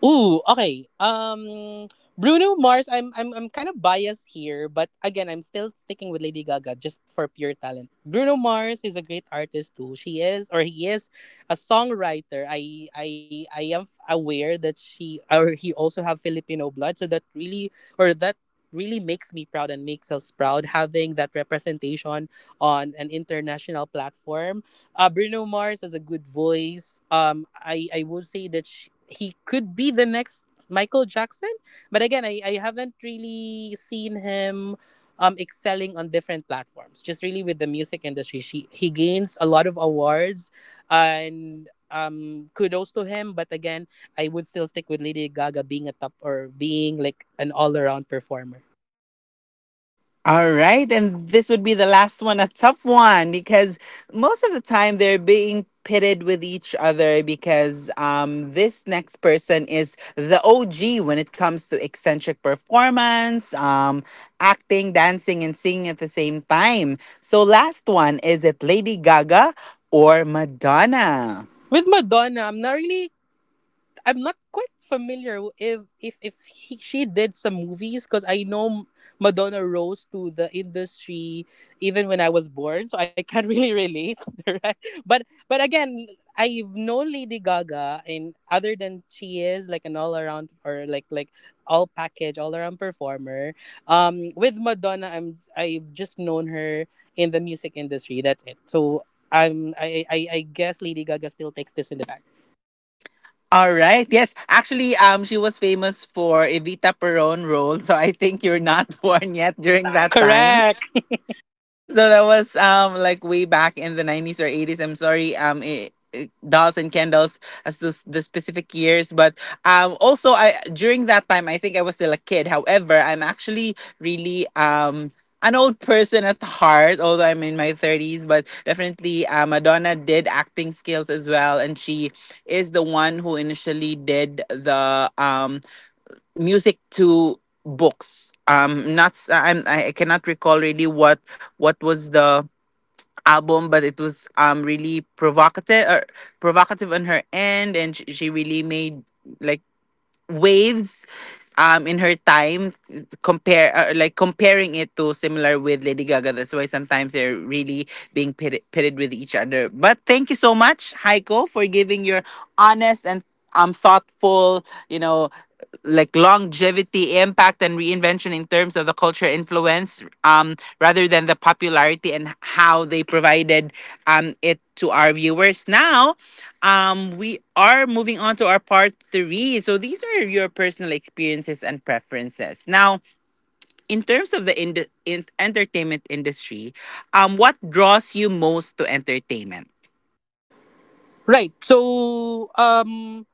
S2: Ooh, okay. Bruno Mars. I'm kind of biased here, but again, I'm still sticking with Lady Gaga just for pure talent. Bruno Mars is a great artist too. She is, or he is, a songwriter. Aware that she, or he, also have Filipino blood, so that really makes me proud and makes us proud, having that representation on an international platform. Bruno Mars has a good voice. I would say that sh he could be the next Michael Jackson, but again, I haven't really seen him excelling on different platforms. Just really with the music industry, she he gains a lot of awards, and kudos to him. But again, I would still stick with Lady Gaga, being a top, or being like an all around performer.
S1: All right. And this would be the last one, a tough one, because most of the time they're being pitted with each other because this next person is the OG when it comes to eccentric performance, acting, dancing, and singing at the same time. So, last one, is it Lady Gaga or Madonna?
S2: With Madonna, I'm not quite familiar if if she did some movies, because I know Madonna rose to the industry even when I was born, so I can't really relate, right? But again, I've known Lady Gaga, and other than, she is like an all around, or like all package, all around performer. With Madonna, I've just known her in the music industry. That's it. So I guess Lady Gaga still takes this in the back.
S1: All right. Yes. Actually, she was famous for Evita Peron role. So I think you're not born yet during that time.
S2: Correct.
S1: So that was like way back in the 90s or 80s, I'm sorry, dolls and candles as to the specific years, but also, I during that time I think I was still a kid. However, I'm actually really an old person at heart, although I'm in my 30s. But definitely, Madonna did acting skills as well, and she is the one who initially did the music to books. Not s- I cannot recall really what was the album, but it was really provocative or provocative on her end, and she really made like waves in her time compare like comparing it to similar with Lady Gaga. That's why sometimes they're really being pitted with each other. But thank you so much, Heiko, for giving your honest and thoughtful, you know, like longevity impact and reinvention in terms of the culture influence, rather than the popularity, and how they provided it to our viewers. Now, we are moving on to our part 3. So these are your personal experiences and preferences now in terms of the entertainment industry. What draws you most to entertainment?
S2: Right. So,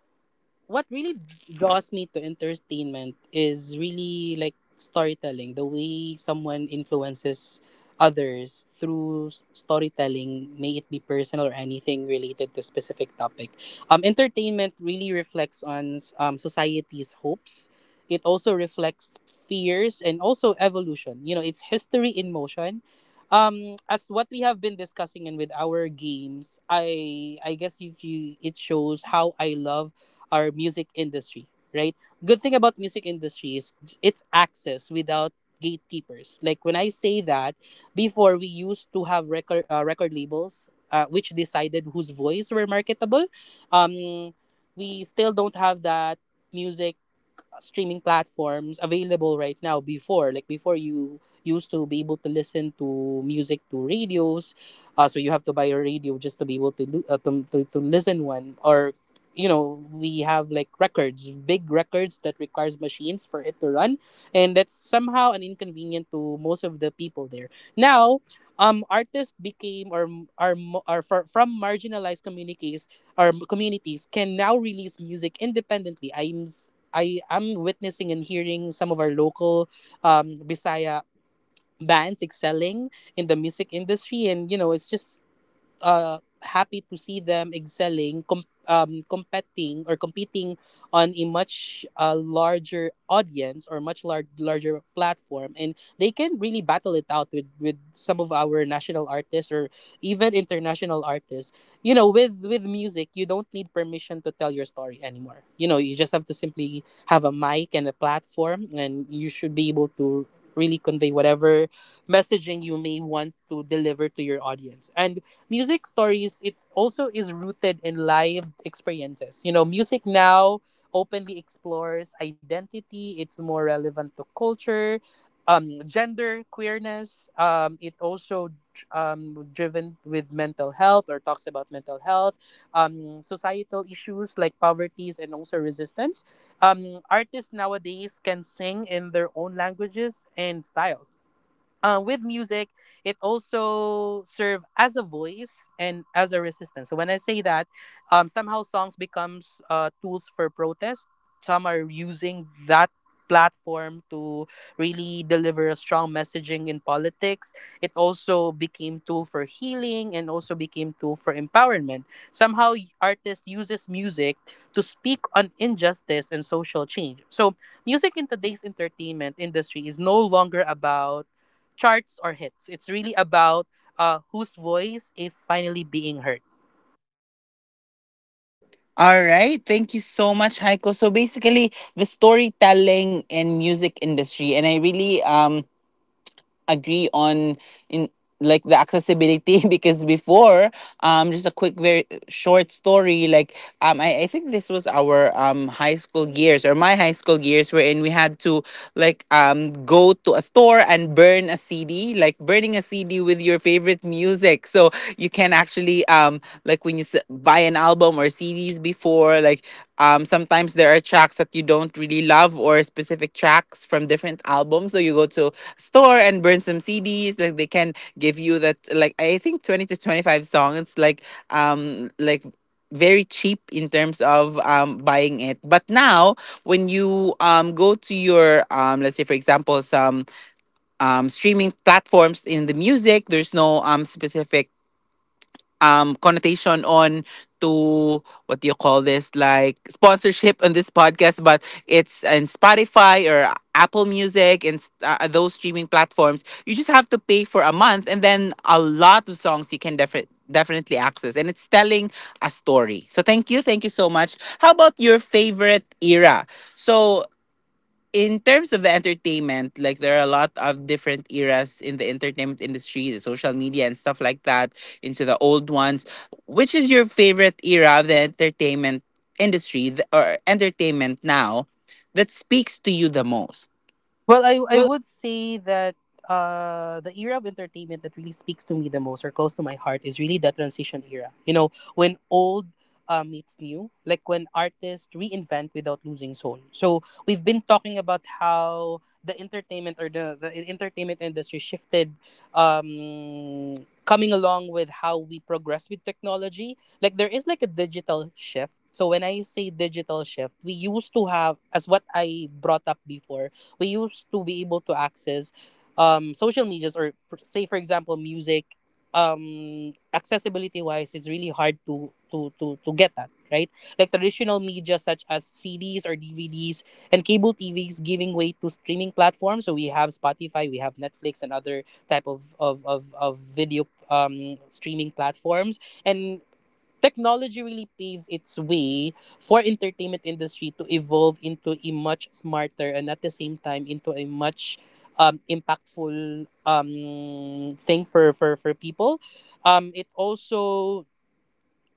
S2: what really draws me to entertainment is really like storytelling, the way someone influences others through storytelling, may it be personal or anything related to a specific topic. Entertainment really reflects on society's hopes. It also reflects fears and also evolution. You know, it's history in motion. As what we have been discussing, and with our games, I guess you, it shows how I love our music industry, right? Good thing about music industry is it's access without gatekeepers. Like when I say that, before we used to have record labels, which decided whose voice were marketable. Um, we still don't have that music streaming platforms available right now. Before, like before you used to be able to listen to music to radios, so you have to buy a radio just to be able to, do, to listen one, or you know, we have like records, big records that requires machines for it to run, and that's somehow an inconvenient to most of the people there. Now, artists became or are, are from marginalized communities, or communities can now release music independently. I am witnessing and hearing some of our local Bisaya bands excelling in the music industry, and you know, it's just happy to see them excelling, competing on a much larger audience or much larger platform, and they can really battle it out with some of our national artists or even international artists. You know, with music, you don't need permission to tell your story anymore. You know, you just have to simply have a mic and a platform, and you should be able to really convey whatever messaging you may want to deliver to your audience. And music stories, it also is rooted in live experiences. You know, music now openly explores identity, it's more relevant to culture, gender queerness. It also driven with mental health or talks about mental health, societal issues like poverty and also resistance. Artists nowadays can sing in their own languages and styles. With music, it also serve as a voice and as a resistance. So when I say that, somehow songs becomes tools for protest. Some are using that platform to really deliver a strong messaging in politics. It also became tool for healing and also became tool for empowerment. Somehow, artist uses music to speak on injustice and social change. So music in today's entertainment industry is no longer about charts or hits. It's really about whose voice is finally being heard.
S1: All right. Thank you so much, Heiko. So basically, the storytelling and music industry. And I really agree on in like the accessibility. Because before, just a quick very short story, like I think this was our high school years, or my high school years, wherein we had to like go to a store and burn a CD, like burning a CD with your favorite music, so you can actually like when you buy an album or CDs before, like sometimes there are tracks that you don't really love, or specific tracks from different albums, so you go to a store and burn some CDs, like they can give you that like I think 20 to 25 songs, like very cheap in terms of buying it. But now when you go to your let's say for example some streaming platforms in the music, there's no specific connotation on to, what do you call this, like sponsorship on this podcast, but it's in Spotify or Apple Music, and those streaming platforms, you just have to pay for a month and then a lot of songs you can definitely access, and it's telling a story. So thank you, thank you so much. How about your favorite era? So in terms of the entertainment, like there are a lot of different eras in the entertainment industry, the social media and stuff like that, into the old ones. Which is your favorite era of the entertainment industry, or entertainment now, that speaks to you the most?
S2: Well, I
S1: Well.
S2: would say that the era of entertainment that really speaks to me the most or close to my heart is really that transition era. You know, when old meets new, like when artists reinvent without losing soul. So we've been talking about how the entertainment or the entertainment industry shifted um coming along with how we progress with technology. Like there is like a digital shift. So when I say digital shift, we used to have, as what I brought up before, we used to be able to access social medias or say for example music. Accessibility wise, it's really hard to get that right. Like traditional media such as CDs or DVDs and cable TVs giving way to streaming platforms. So we have Spotify, we have Netflix and other type of video streaming platforms. And technology really paves its way for entertainment industry to evolve into a much smarter and at the same time into a much impactful thing for people. It also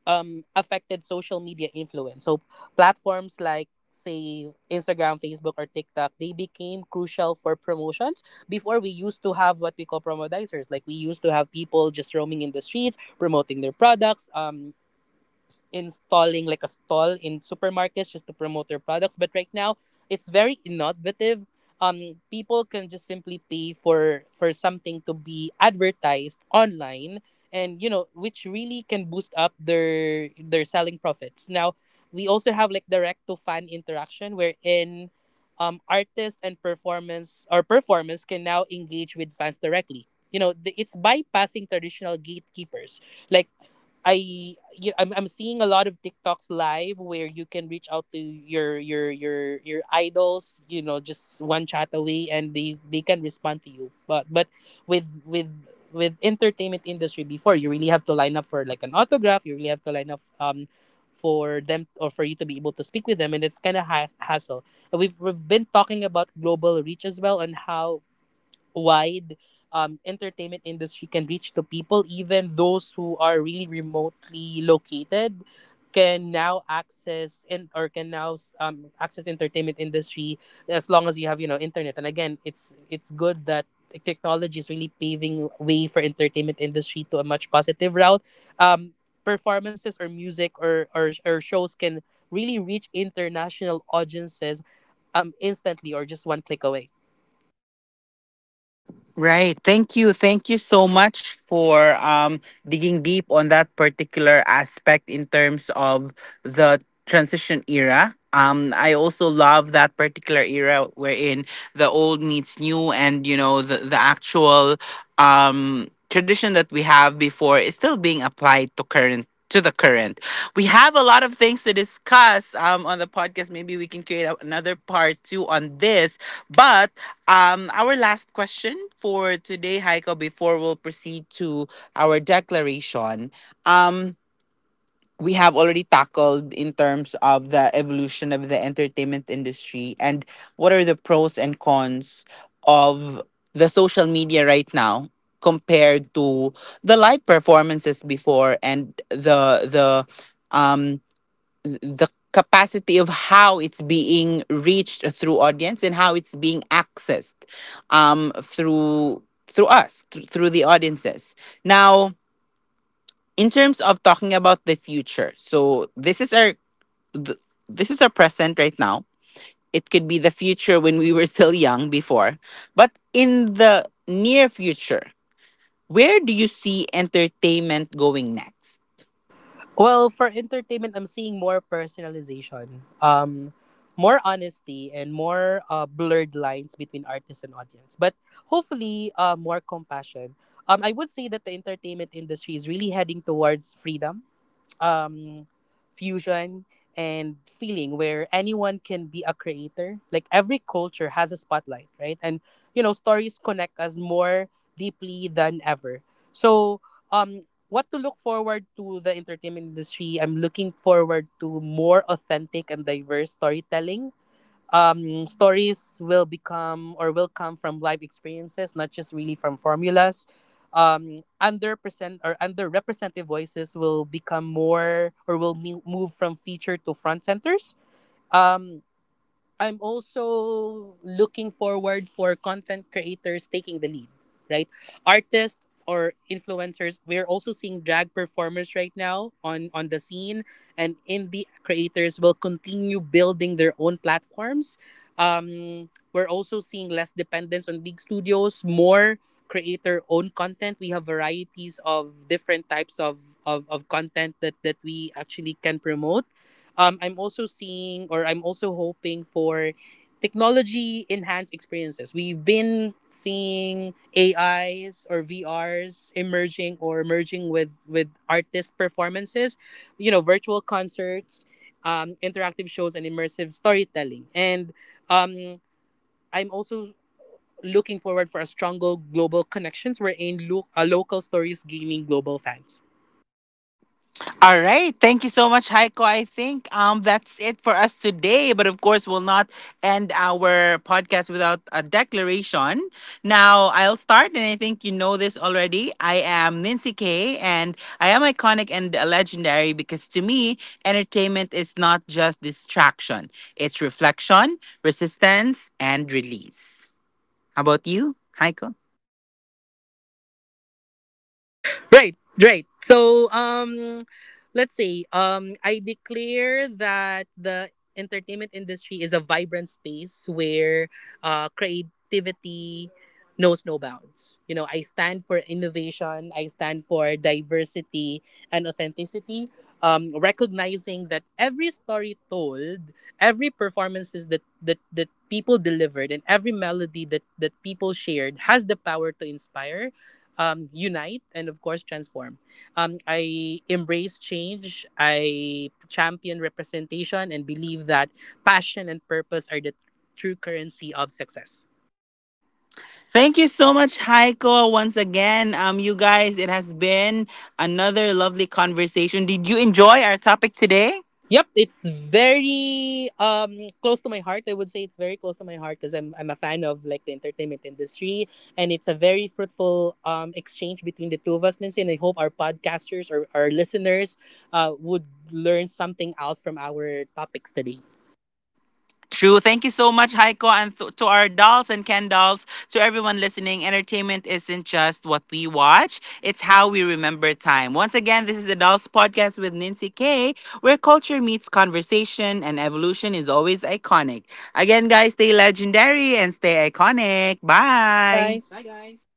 S2: affected social media influence. So platforms like say Instagram, Facebook, or TikTok, they became crucial for promotions. Before we used to have what we call promodizers. Like we used to have people just roaming in the streets, promoting their products, installing like a stall in supermarkets just to promote their products. But right now, it's very innovative. People can just simply pay for something to be advertised online, and you know, which really can boost up their selling profits. Now, we also have like direct to fan interaction, wherein artists and performance or performers can now engage with fans directly. You know, it's bypassing traditional gatekeepers. Like I you, I'm seeing a lot of TikToks live where you can reach out to your idols, you know, just one chat away and they can respond to you. But with with with entertainment industry before, you really have to line up for like an autograph, you really have to line up for them or for you to be able to speak with them, and it's kind of has hassle. And we've been talking about global reach as well and how wide entertainment industry can reach to people, even those who are really remotely located can now access, and or can now access entertainment industry as long as you have, you know, internet. And again, it's good that technology is really paving way for entertainment industry to a much positive route. um, Performances or music or shows can really reach international audiences instantly or just one click away.
S1: Right. Thank you. Thank you so much for digging deep on that particular aspect in terms of the transition era. I also love that particular era wherein the old meets new, and you know the actual tradition that we have before is still being applied to current, to the current. We have a lot of things to discuss on the podcast. Maybe we can create another part 2 on this, but our last question for today, Heiko, before we'll proceed to our declaration. Um, we have already tackled in terms of the evolution of the entertainment industry, and what are the pros and cons of the social media right now compared to the live performances before, and the um the capacity of how it's being reached through audience, and how it's being accessed through us through the audiences now. In terms of talking about the future, so this is our th- this is our present right now. It could be the future when we were still young before, but in the near future, where do you see entertainment going next?
S2: Well, for entertainment, I'm seeing more personalization, more honesty, and more blurred lines between artist and audience. But hopefully, more compassion. I would say that the entertainment industry is really heading towards freedom, um fusion, and feeling, where anyone can be a creator, like every culture has a spotlight, right? And you know, stories connect us more deeply than ever. So um what to look forward to the entertainment industry, I'm looking forward to more authentic and diverse storytelling. Stories will become or will come from life experiences, not just really from formulas. Underpresent or underrepresented voices will become more or will move from feature to front centers. Um, I'm also looking forward for content creators taking the lead, right? Artists or influencers, we're also seeing drag performers right now on the scene, and indie creators will continue building their own platforms. We're also seeing less dependence on big studios, more creator own content. We have varieties of different types of content that, that we actually can promote. I'm also seeing or I'm also hoping for technology enhanced experiences. We've been seeing AIs or VRs emerging or merging with artist performances, you know, virtual concerts, interactive shows, and immersive storytelling. And um, I'm also looking forward for a stronger global connections, wherein local stories gaining global fans.
S1: All right. Thank you so much, Heiko. I think that's it for us today. But of course, we'll not end our podcast without a declaration. Now, I'll start, and I think you know this already. I am Nancy K, and I am iconic and legendary because to me, entertainment is not just distraction, it's reflection, resistance, and release. How about you, Heiko?
S2: Right, right. So, let's see. I declare that the entertainment industry is a vibrant space where creativity knows no bounds. You know, I stand for innovation. I stand for diversity and authenticity. Recognizing that every story told, every performances that that people delivered, and every melody that that people shared has the power to inspire, unite, and of course transform. I embrace change. I champion representation and believe that passion and purpose are the true currency of success.
S1: Thank you so much, Heiko, once again. You guys, it has been another lovely conversation. Did you enjoy our topic today?
S2: Yep, it's very close to my heart. I would say it's very close to my heart because I'm a fan of like the entertainment industry, and it's a very fruitful exchange between the two of us, Lindsay. And I hope our podcasters or our listeners would learn something out from our topics today.
S1: True. Thank you so much, Heiko, and to our dolls and Ken dolls, to everyone listening. Entertainment isn't just what we watch, it's how we remember time. Once again, this is the Dolls Podcast with Nancy K, where culture meets conversation and evolution is always iconic. Again, guys, stay legendary and stay iconic.
S2: Bye,
S1: Bye.
S2: guys.
S1: Bye, guys.